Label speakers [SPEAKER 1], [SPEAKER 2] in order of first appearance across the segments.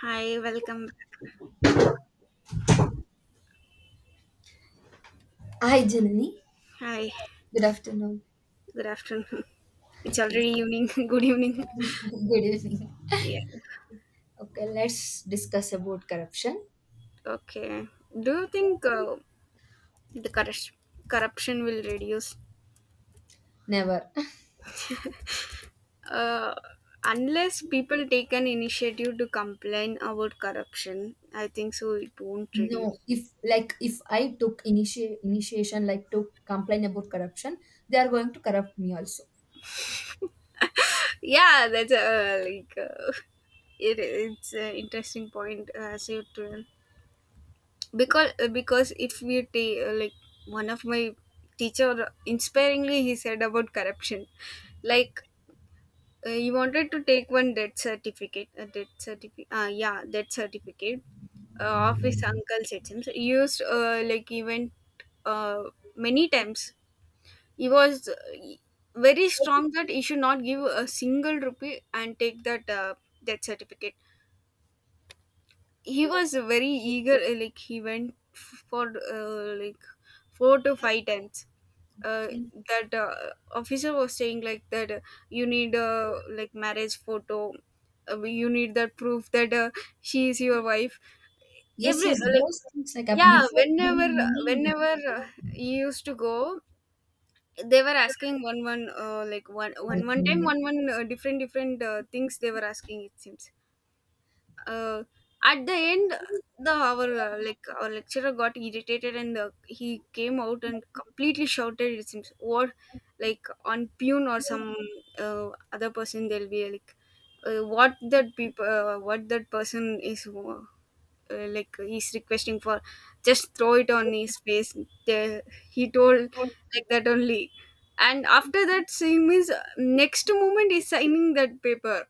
[SPEAKER 1] Hi, welcome back.
[SPEAKER 2] Hi, Janani.
[SPEAKER 1] Hi,
[SPEAKER 2] Good afternoon.
[SPEAKER 1] good afternoon. It's
[SPEAKER 2] Okay.
[SPEAKER 1] already evening. Good evening.
[SPEAKER 2] Good evening.
[SPEAKER 1] Yeah.
[SPEAKER 2] Okay, let's discuss about corruption.
[SPEAKER 1] Okay. Do you think the corruption will reduce?
[SPEAKER 2] Never.
[SPEAKER 1] Uh, Unless people take an initiative to complain about corruption, I think so. It won't
[SPEAKER 2] No,
[SPEAKER 1] reduce.
[SPEAKER 2] if like if I took initiation, like to complain about corruption, they are going to corrupt me also.
[SPEAKER 1] Yeah, that's like it's an interesting point. As you told. Because if we take, like, one of my teacher inspiringly he said about corruption, like, he wanted to take one death certificate a death certificate yeah death certificate of his uncle Sachin. So he used, like, he went uh, many times. He was very strong that he should not give a single rupee and take that death certificate. He was very eager, like, he went for, like, 4 to 5 times. uh,
[SPEAKER 2] Okay.
[SPEAKER 1] that officer was saying like that, you need, like, marriage photo, you need that proof that she is your wife.
[SPEAKER 2] Yes,
[SPEAKER 1] Every,
[SPEAKER 2] yes,
[SPEAKER 1] like,
[SPEAKER 2] those things like
[SPEAKER 1] yeah,
[SPEAKER 2] before
[SPEAKER 1] whenever
[SPEAKER 2] giving money
[SPEAKER 1] whenever uh, he used to go, they were asking one one, like, one one one time,
[SPEAKER 2] document.
[SPEAKER 1] one one, different different things they were asking, it seems. uh, at the end, the our like our lecturer got irritated and, he came out and completely shouted, it seems, or like on Pune or some other person. They'll be like, what that person is, like, he's requesting for, just throw it on his face. They- he told like that only. And after that, same is next moment he's signing that paper.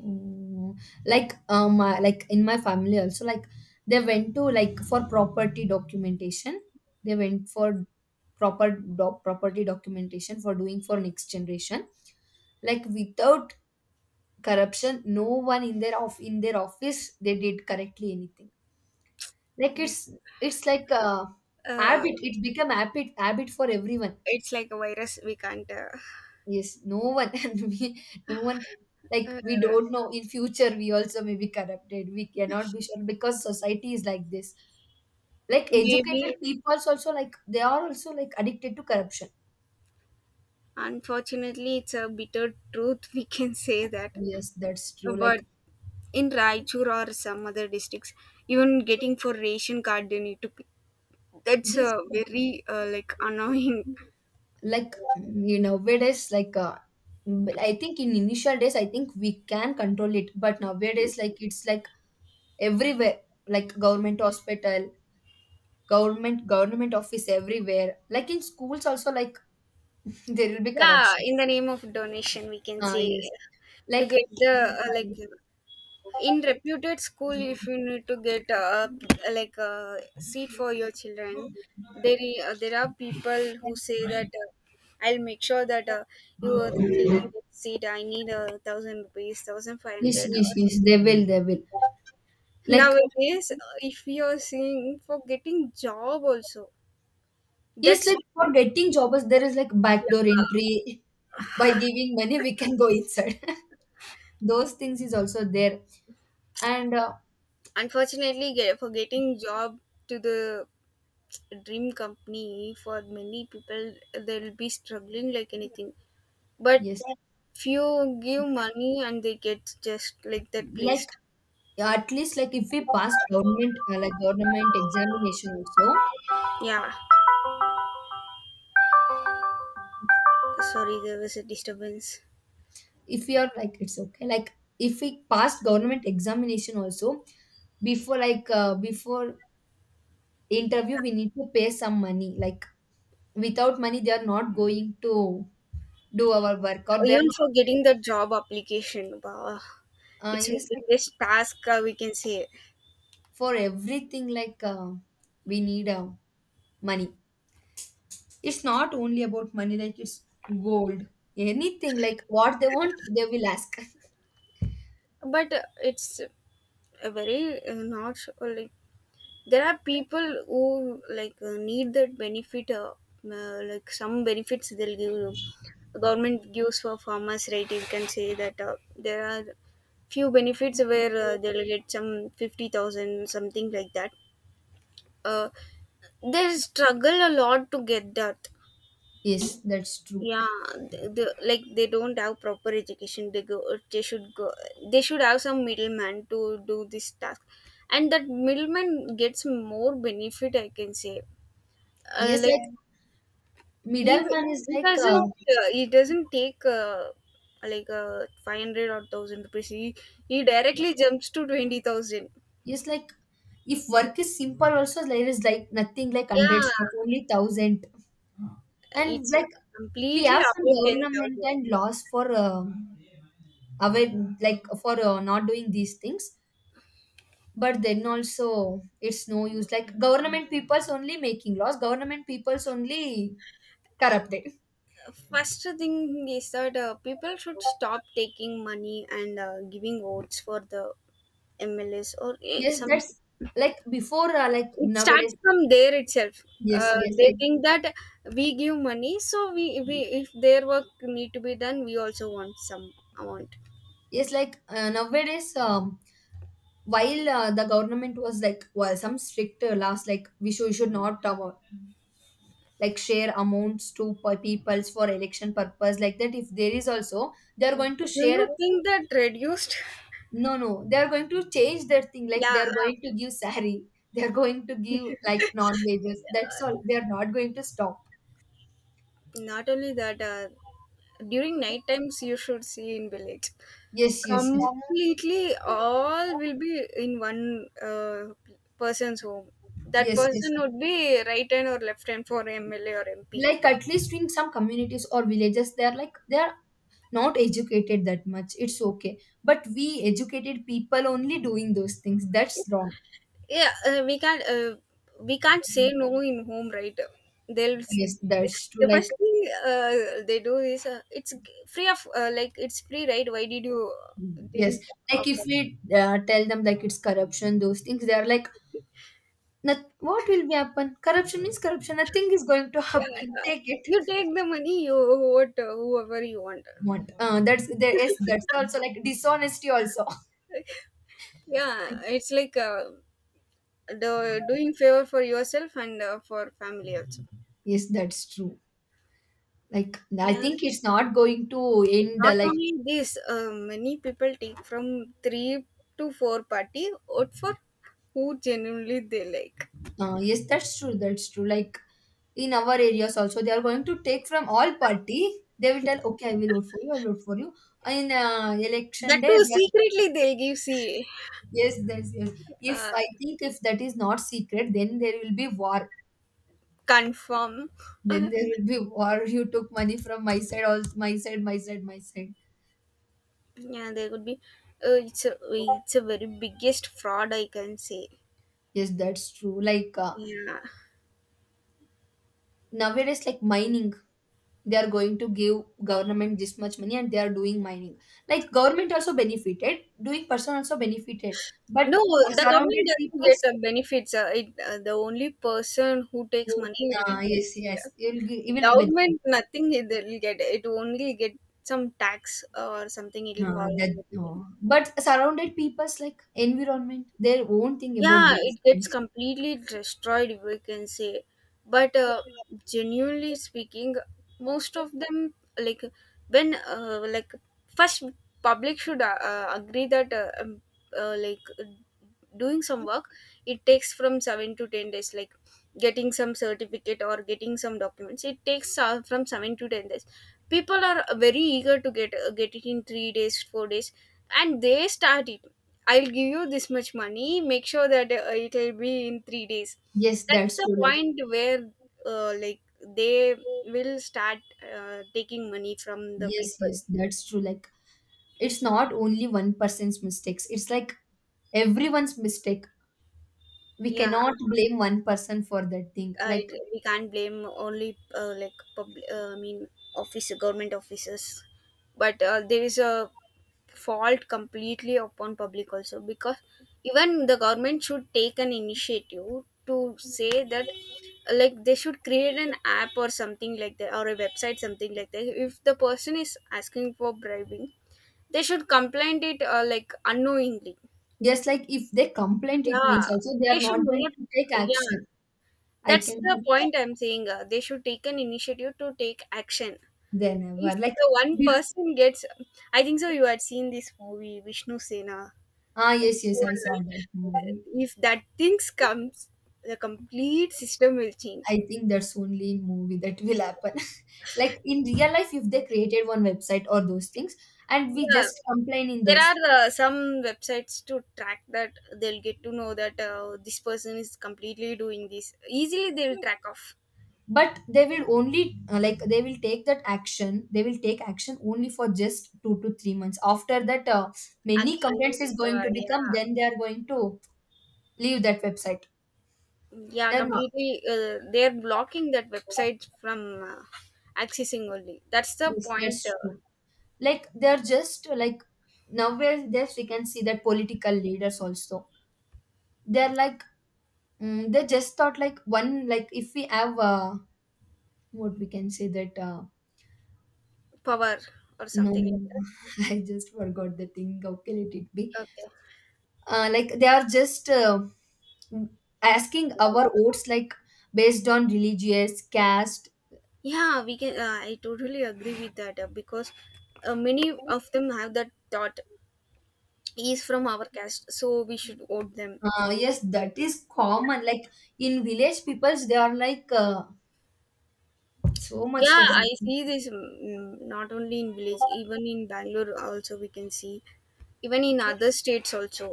[SPEAKER 2] Mm, like my, like in my family also, like they went to, like, for property documentation. They went for property documentation for doing for next generation, like without corruption no one in their of in their office they did correctly anything. Like
[SPEAKER 1] He-
[SPEAKER 2] it's like a
[SPEAKER 1] uh,
[SPEAKER 2] habit. It become habit for everyone.
[SPEAKER 1] It's like a virus. We can't.
[SPEAKER 2] Yes, no one and we no one can, like
[SPEAKER 1] Uh,
[SPEAKER 2] we don't know in future we also may be corrupted. We cannot be sure because society is like this. Like educated
[SPEAKER 1] Maybe,
[SPEAKER 2] people also, like they are also like addicted to corruption.
[SPEAKER 1] unfortunately, it's a bitter truth. We can say that,
[SPEAKER 2] Yes, that's true. Like
[SPEAKER 1] but in Raichur or some other districts, even getting for ration card, they need to pay. That's
[SPEAKER 2] yes,
[SPEAKER 1] a very, like, annoying.
[SPEAKER 2] like you know nowadays like mm, I think in initial days I think we can control it, but nowadays like it's like everywhere, like government hospital, government office everywhere. Like in schools also, like there will be
[SPEAKER 1] Yeah,
[SPEAKER 2] corruption.
[SPEAKER 1] in the name of donation, we can
[SPEAKER 2] Ah,
[SPEAKER 1] say,
[SPEAKER 2] yes.
[SPEAKER 1] to
[SPEAKER 2] Like,
[SPEAKER 1] get the, like, in reputed school, if you need to get a, like, a seat for your children, there there are people who say that I'll make sure that your children get seat. I need 1,000 rupees, thousand five
[SPEAKER 2] yes,
[SPEAKER 1] hundred
[SPEAKER 2] yes, yes. They will, they will. Like,
[SPEAKER 1] Nowadays, if you're seeing for getting job also,
[SPEAKER 2] yes,
[SPEAKER 1] that's,
[SPEAKER 2] like for getting jobs, there is like
[SPEAKER 1] yeah.
[SPEAKER 2] backdoor entry. By giving money, we can go inside. Those things is also there. And
[SPEAKER 1] Unfortunately, for getting job to the dream company for many people, they'll be struggling like anything, but
[SPEAKER 2] yes,
[SPEAKER 1] few give money and they get just like that
[SPEAKER 2] like
[SPEAKER 1] placed.
[SPEAKER 2] at least like if we pass government like government examination also,
[SPEAKER 1] Yeah, sorry, there was a disturbance.
[SPEAKER 2] if we are like it's okay like if we pass government examination also before like before interview we need to pay some money, like without money they are not going to do our work, or they're
[SPEAKER 1] Even
[SPEAKER 2] not
[SPEAKER 1] for getting the job application, wow, it's the
[SPEAKER 2] yes like
[SPEAKER 1] biggest task, we can say.
[SPEAKER 2] for everything like we need money. It's not only about money, like it's gold, anything like what they want they will ask.
[SPEAKER 1] But it's a very not, like, there are people who, like, need that benefit, like, some benefits they'll give you. Government gives for farmers, right? You can say that there are few benefits where they'll get some 50,000 something like that. uh, they struggle a lot to get that.
[SPEAKER 2] Yes, that's true.
[SPEAKER 1] Yeah, like, they don't have proper education, they should go. They should have some middleman to do this task, and that middleman gets more benefit, I can say.
[SPEAKER 2] Yes,
[SPEAKER 1] Like,
[SPEAKER 2] like
[SPEAKER 1] he w-
[SPEAKER 2] middleman is
[SPEAKER 1] he
[SPEAKER 2] like
[SPEAKER 1] doesn't he doesn't take, like, 500 or 1000 rupees. He directly jumps to 20,000.
[SPEAKER 2] yes like if work is simple also there is like nothing like hundreds,
[SPEAKER 1] Yeah,
[SPEAKER 2] stuff only thousand. And
[SPEAKER 1] it's
[SPEAKER 2] like we
[SPEAKER 1] completely
[SPEAKER 2] have some
[SPEAKER 1] above
[SPEAKER 2] government
[SPEAKER 1] 10,000.
[SPEAKER 2] and laws for away, like for not doing these things, but then also it's no use. Like government people's only making laws, government people's only corrupted.
[SPEAKER 1] First thing is that people should stop taking money and giving votes for the MLs or
[SPEAKER 2] Yes,
[SPEAKER 1] some.
[SPEAKER 2] that's like before like
[SPEAKER 1] It starts
[SPEAKER 2] nowadays,
[SPEAKER 1] from there itself.
[SPEAKER 2] yes
[SPEAKER 1] They think that we give money, so we if their work need to be done, we also want some amount.
[SPEAKER 2] yes like nowadays while the government was like well some strict laws like we should not like share amounts to per peoples for election purpose, like that if there is also they're going to
[SPEAKER 1] Do
[SPEAKER 2] share.
[SPEAKER 1] you think that reduced?
[SPEAKER 2] No no they're going to change their thing, like
[SPEAKER 1] Yeah.
[SPEAKER 2] they're going to give sari, they're going to give like non wages, that's
[SPEAKER 1] Uh,
[SPEAKER 2] all, they're not going to stop.
[SPEAKER 1] Not only that, during night times you should see in village.
[SPEAKER 2] Yes yes yes
[SPEAKER 1] Completely, all will be in one, person's home. That
[SPEAKER 2] yes yes,
[SPEAKER 1] person would be right hand or left hand for MLA or MP.
[SPEAKER 2] like at least in some communities or villages they are like they are not educated that much, it's okay. But we educated people only doing those things, that's wrong.
[SPEAKER 1] Yeah, we can't say no in home, right? They'll
[SPEAKER 2] Yes, that's true
[SPEAKER 1] the
[SPEAKER 2] like
[SPEAKER 1] first thing, they do is, free of, like, it's free, right? Why did you,
[SPEAKER 2] yes,
[SPEAKER 1] didn't
[SPEAKER 2] like if
[SPEAKER 1] afford?
[SPEAKER 2] we tell them like it's corruption, those things, they are like, "Noth- what will be happen? Corruption means corruption. Nothing is going to
[SPEAKER 1] It?
[SPEAKER 2] happen.
[SPEAKER 1] Yeah,
[SPEAKER 2] Take it.
[SPEAKER 1] you take the money, you vote, whoever you want.
[SPEAKER 2] What? That's there is that's also like dishonesty also.
[SPEAKER 1] Yeah, it's like, doing favor for yourself and for family also.
[SPEAKER 2] Yes, that's true. Like I
[SPEAKER 1] Yeah,
[SPEAKER 2] think it's not going to end. uh,
[SPEAKER 1] not
[SPEAKER 2] Like
[SPEAKER 1] only this, many people take from three to four party vote for who genuinely they like.
[SPEAKER 2] yes, that's true. That's true. Like in our areas also, they are going to take from all party. They will tell, okay, I will vote for you. I will vote for you. In election
[SPEAKER 1] That
[SPEAKER 2] day,
[SPEAKER 1] too secretly they'll give, see.
[SPEAKER 2] yes, yes, yes. If
[SPEAKER 1] uh,
[SPEAKER 2] I think if that is not secret, then there will be war.
[SPEAKER 1] Confirm.
[SPEAKER 2] Then there will be war. You took money from my side, all my side, my side, my side.
[SPEAKER 1] Yeah, there could be. It's a, very biggest fraud, I can say.
[SPEAKER 2] Yes, that's true. Like
[SPEAKER 1] Yeah,
[SPEAKER 2] nowadays, like mining, they are going to give government this much money, and they are doing mining. Like government also benefited, doing person also benefited, but
[SPEAKER 1] no, the government
[SPEAKER 2] surrounded
[SPEAKER 1] doesn't
[SPEAKER 2] people.
[SPEAKER 1] get
[SPEAKER 2] So,
[SPEAKER 1] benefits. The only person who takes money will
[SPEAKER 2] uh,
[SPEAKER 1] get benefit.
[SPEAKER 2] yes, yes,
[SPEAKER 1] Yeah.
[SPEAKER 2] you will, you will be
[SPEAKER 1] Government,
[SPEAKER 2] benefited.
[SPEAKER 1] nothing it will get. It only get some tax or something. It will
[SPEAKER 2] Uh,
[SPEAKER 1] fall.
[SPEAKER 2] that oh. But surrounded people's like environment their own thing about
[SPEAKER 1] Yeah,
[SPEAKER 2] those
[SPEAKER 1] it gets
[SPEAKER 2] things.
[SPEAKER 1] completely destroyed, we can say. But genuinely speaking, most of them, like, when, like, first public should, agree that, like, doing some work, it takes from 7 to 10 days. Like getting some certificate or getting some documents, it takes, from 7 to 10 days. People are very eager to get it in 3 days, 4 days, and they start it. I'll give you this much money. Make sure that it'll be in 3 days.
[SPEAKER 2] Yes,
[SPEAKER 1] That's
[SPEAKER 2] that's
[SPEAKER 1] the
[SPEAKER 2] true like
[SPEAKER 1] point where, like, they will start taking money from the
[SPEAKER 2] yes
[SPEAKER 1] people.
[SPEAKER 2] yes that's true, like it's not only one person's mistakes, it's like everyone's mistake. We
[SPEAKER 1] Yeah,
[SPEAKER 2] cannot blame one person for that thing. Like
[SPEAKER 1] we can't blame only, like, public, I mean office government officers. But there is a fault completely upon public also, because even the government should take an initiative to say that, like, they should create an app or something like that, or a website something like that. If the person is asking for bribing, they should complain it, like, unknowingly.
[SPEAKER 2] just like if they complain, it means
[SPEAKER 1] Yeah,
[SPEAKER 2] also they
[SPEAKER 1] they
[SPEAKER 2] are
[SPEAKER 1] should
[SPEAKER 2] not going
[SPEAKER 1] not.
[SPEAKER 2] to take
[SPEAKER 1] Yeah,
[SPEAKER 2] action. I
[SPEAKER 1] that's
[SPEAKER 2] can
[SPEAKER 1] the point I'm saying. They should take an initiative to take action.
[SPEAKER 2] they
[SPEAKER 1] If
[SPEAKER 2] never like
[SPEAKER 1] the one
[SPEAKER 2] bef-
[SPEAKER 1] person gets, I think so. You had seen this movie Vishnu Sena
[SPEAKER 2] ah yes yes
[SPEAKER 1] before,
[SPEAKER 2] I saw that
[SPEAKER 1] right?
[SPEAKER 2] movie.
[SPEAKER 1] If that things comes, the complete system will change.
[SPEAKER 2] I think that's only in movie that will happen, like in real life if they created one website or those things and we
[SPEAKER 1] Yeah,
[SPEAKER 2] just complain in
[SPEAKER 1] there
[SPEAKER 2] those,
[SPEAKER 1] are some websites to track that. They'll get to know that this person is completely doing this. Easily, they'll track off
[SPEAKER 2] but they will only like they will take that action they will take action only for just 2 to 3 months. After that many
[SPEAKER 1] again.
[SPEAKER 2] complaints is going to become,
[SPEAKER 1] Yeah.
[SPEAKER 2] then they are going to leave that website.
[SPEAKER 1] Yeah,
[SPEAKER 2] They're not.
[SPEAKER 1] completely, they're blocking that website from accessing only, that's the
[SPEAKER 2] Yes,
[SPEAKER 1] point.
[SPEAKER 2] that's true, like they're just like nowadays we can see that political leaders also, they're like mm, they just thought like one like if we have what we can say that
[SPEAKER 1] Power or
[SPEAKER 2] no,
[SPEAKER 1] something like
[SPEAKER 2] no,
[SPEAKER 1] that.
[SPEAKER 2] I just forgot the thing. How can it be?
[SPEAKER 1] Okay.
[SPEAKER 2] Like they are just asking our votes like based on religious caste.
[SPEAKER 1] Yeah, we can I totally agree with that, because many of them have that thought. He is from our caste, so we should vote them.
[SPEAKER 2] Yes, that is common. Like in village peoples, they are like so much
[SPEAKER 1] Yeah,
[SPEAKER 2] that is
[SPEAKER 1] I see this, not only in village, even in Bangalore also we can see, even in other states also.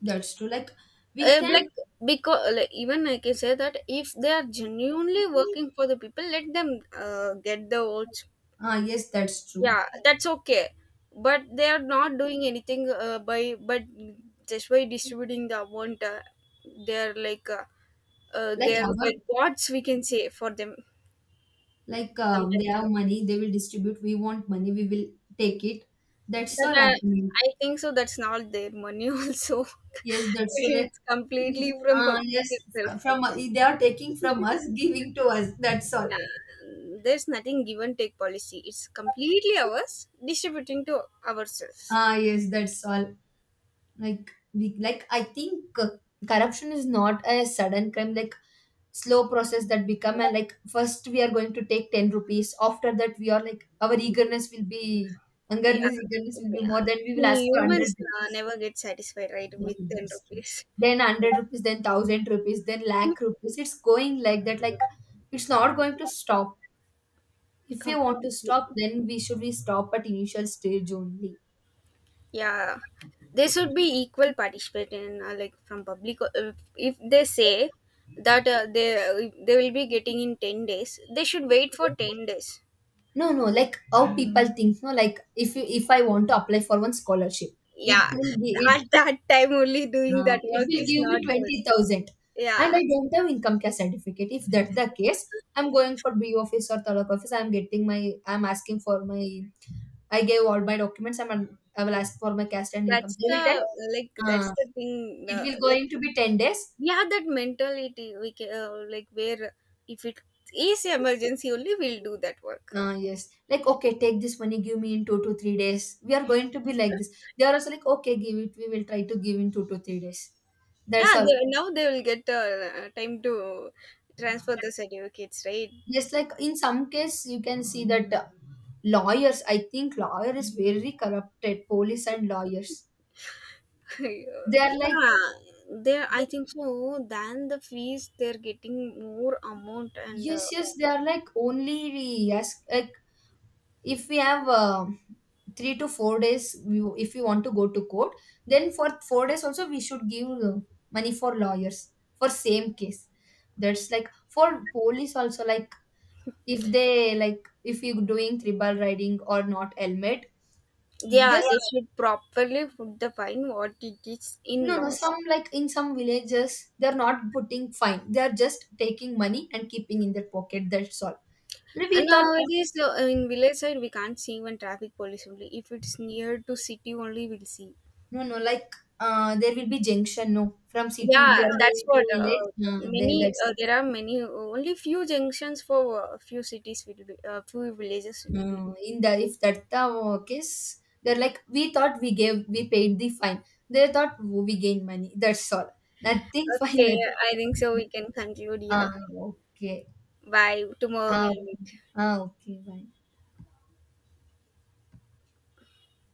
[SPEAKER 2] that's true. Like we can.
[SPEAKER 1] Like, because, like, even I can say that if they are genuinely working for the people, let them, get the votes.
[SPEAKER 2] Ah, yes, that's true.
[SPEAKER 1] Yeah, that's okay. But they are not doing anything, by but, just by distributing the amount, they're like,
[SPEAKER 2] Like
[SPEAKER 1] they're
[SPEAKER 2] our,
[SPEAKER 1] like gods, we can say for them.
[SPEAKER 2] like they
[SPEAKER 1] Sometimes
[SPEAKER 2] have money, they will distribute. We want money, we will take it. That's
[SPEAKER 1] that
[SPEAKER 2] all happening.
[SPEAKER 1] I think so, that's not their money also.
[SPEAKER 2] Yes, that's true. Like,
[SPEAKER 1] It's completely from
[SPEAKER 2] Uh,
[SPEAKER 1] public
[SPEAKER 2] yes,
[SPEAKER 1] itself.
[SPEAKER 2] from they are taking from us, giving to us. That's all.
[SPEAKER 1] Yeah, there's nothing give and take policy. It's completely ours, distributing to ourselves.
[SPEAKER 2] Ah, yes, that's all. Like we, like I think corruption is not a sudden crime. Like slow process that become a like first we are going to take 10 rupees. After that we are like our eagerness will be
[SPEAKER 1] Yeah,
[SPEAKER 2] hungerness eagerness will be
[SPEAKER 1] yeah.
[SPEAKER 2] more. Then we will ask
[SPEAKER 1] We
[SPEAKER 2] for hundred
[SPEAKER 1] humans,
[SPEAKER 2] rupees.
[SPEAKER 1] never get satisfied, right,
[SPEAKER 2] Yeah,
[SPEAKER 1] with 10
[SPEAKER 2] that's true.
[SPEAKER 1] rupees.
[SPEAKER 2] Then 100 rupees, then 1,000 rupees, then lakh rupees. It's going like that. Like it's not going to stop. If we want to
[SPEAKER 1] Completely.
[SPEAKER 2] stop, then we should we stop at initial stage only.
[SPEAKER 1] Yeah, there should be equal participation, like, from public. If they say that, they will be getting in 10 days, they should wait for 10 days.
[SPEAKER 2] No, no, like how people think. No, like if you, if I want to apply for one scholarship, it
[SPEAKER 1] Yeah,
[SPEAKER 2] will be it
[SPEAKER 1] at that time only doing that
[SPEAKER 2] it
[SPEAKER 1] work
[SPEAKER 2] will
[SPEAKER 1] is
[SPEAKER 2] give me
[SPEAKER 1] not good.
[SPEAKER 2] 20,000, and
[SPEAKER 1] Yeah.
[SPEAKER 2] I don't have income cash certificate. If that's the case, I'm going for B office or taluk office. I'm getting my I'm asking for my I gave all my documents. I'm I will ask for my cash and income.
[SPEAKER 1] that's
[SPEAKER 2] They
[SPEAKER 1] the
[SPEAKER 2] will tell
[SPEAKER 1] like that's
[SPEAKER 2] uh,
[SPEAKER 1] the thing. The
[SPEAKER 2] it will
[SPEAKER 1] Like
[SPEAKER 2] going to be 10 days.
[SPEAKER 1] we have that mentality, we can, like, where if it is emergency only, we'll do that work.
[SPEAKER 2] Yes. Like, okay, take this money, give me in 2 to 3 days. We are going to be like this. They are also like, okay, give it. We will try to give in 2 to 3 days. That's
[SPEAKER 1] Yeah,
[SPEAKER 2] all.
[SPEAKER 1] now they will get, time to transfer the certificates, right?
[SPEAKER 2] Yes, like in some case, you can see that lawyers, I think lawyer is very corrupted, police and lawyers. They are like,
[SPEAKER 1] Yeah, there, I think so, than the fees they're getting more amount, and
[SPEAKER 2] yes, yes, they are like only, yes, like if we have 3 to 4 days we, if we want to go to court then for 4 days also we should give money for lawyers for same case. That's like for police also, like if they like if you doing tribal riding or not helmet
[SPEAKER 1] yeah,
[SPEAKER 2] just
[SPEAKER 1] they should properly put the fine what it is
[SPEAKER 2] yeah.
[SPEAKER 1] in
[SPEAKER 2] No no
[SPEAKER 1] laws.
[SPEAKER 2] some like in some villages they're not putting fine, they're just taking money and keeping in their pocket, that's all
[SPEAKER 1] And
[SPEAKER 2] we thought.
[SPEAKER 1] nowadays, in village side, we can't see even traffic police only. If it is near to city only, we'll see.
[SPEAKER 2] No, no, like there will be junction. No, from city
[SPEAKER 1] Yeah,
[SPEAKER 2] we are
[SPEAKER 1] that's
[SPEAKER 2] going
[SPEAKER 1] what.
[SPEAKER 2] to village. There,
[SPEAKER 1] Many
[SPEAKER 2] that's
[SPEAKER 1] there are many only few junctions for, few cities will be, few villages it will be.
[SPEAKER 2] in the if that the case, they're like we thought we gave we paid the fine. They thought "Oh, we gain money. That's all. Nothing fine.
[SPEAKER 1] Okay,
[SPEAKER 2] Nothing.
[SPEAKER 1] I think so. We can conclude
[SPEAKER 2] Ah,
[SPEAKER 1] here.
[SPEAKER 2] okay.
[SPEAKER 1] Bye. Tomorrow
[SPEAKER 2] Ah,
[SPEAKER 1] we'll meet.
[SPEAKER 2] ah, okay. Bye.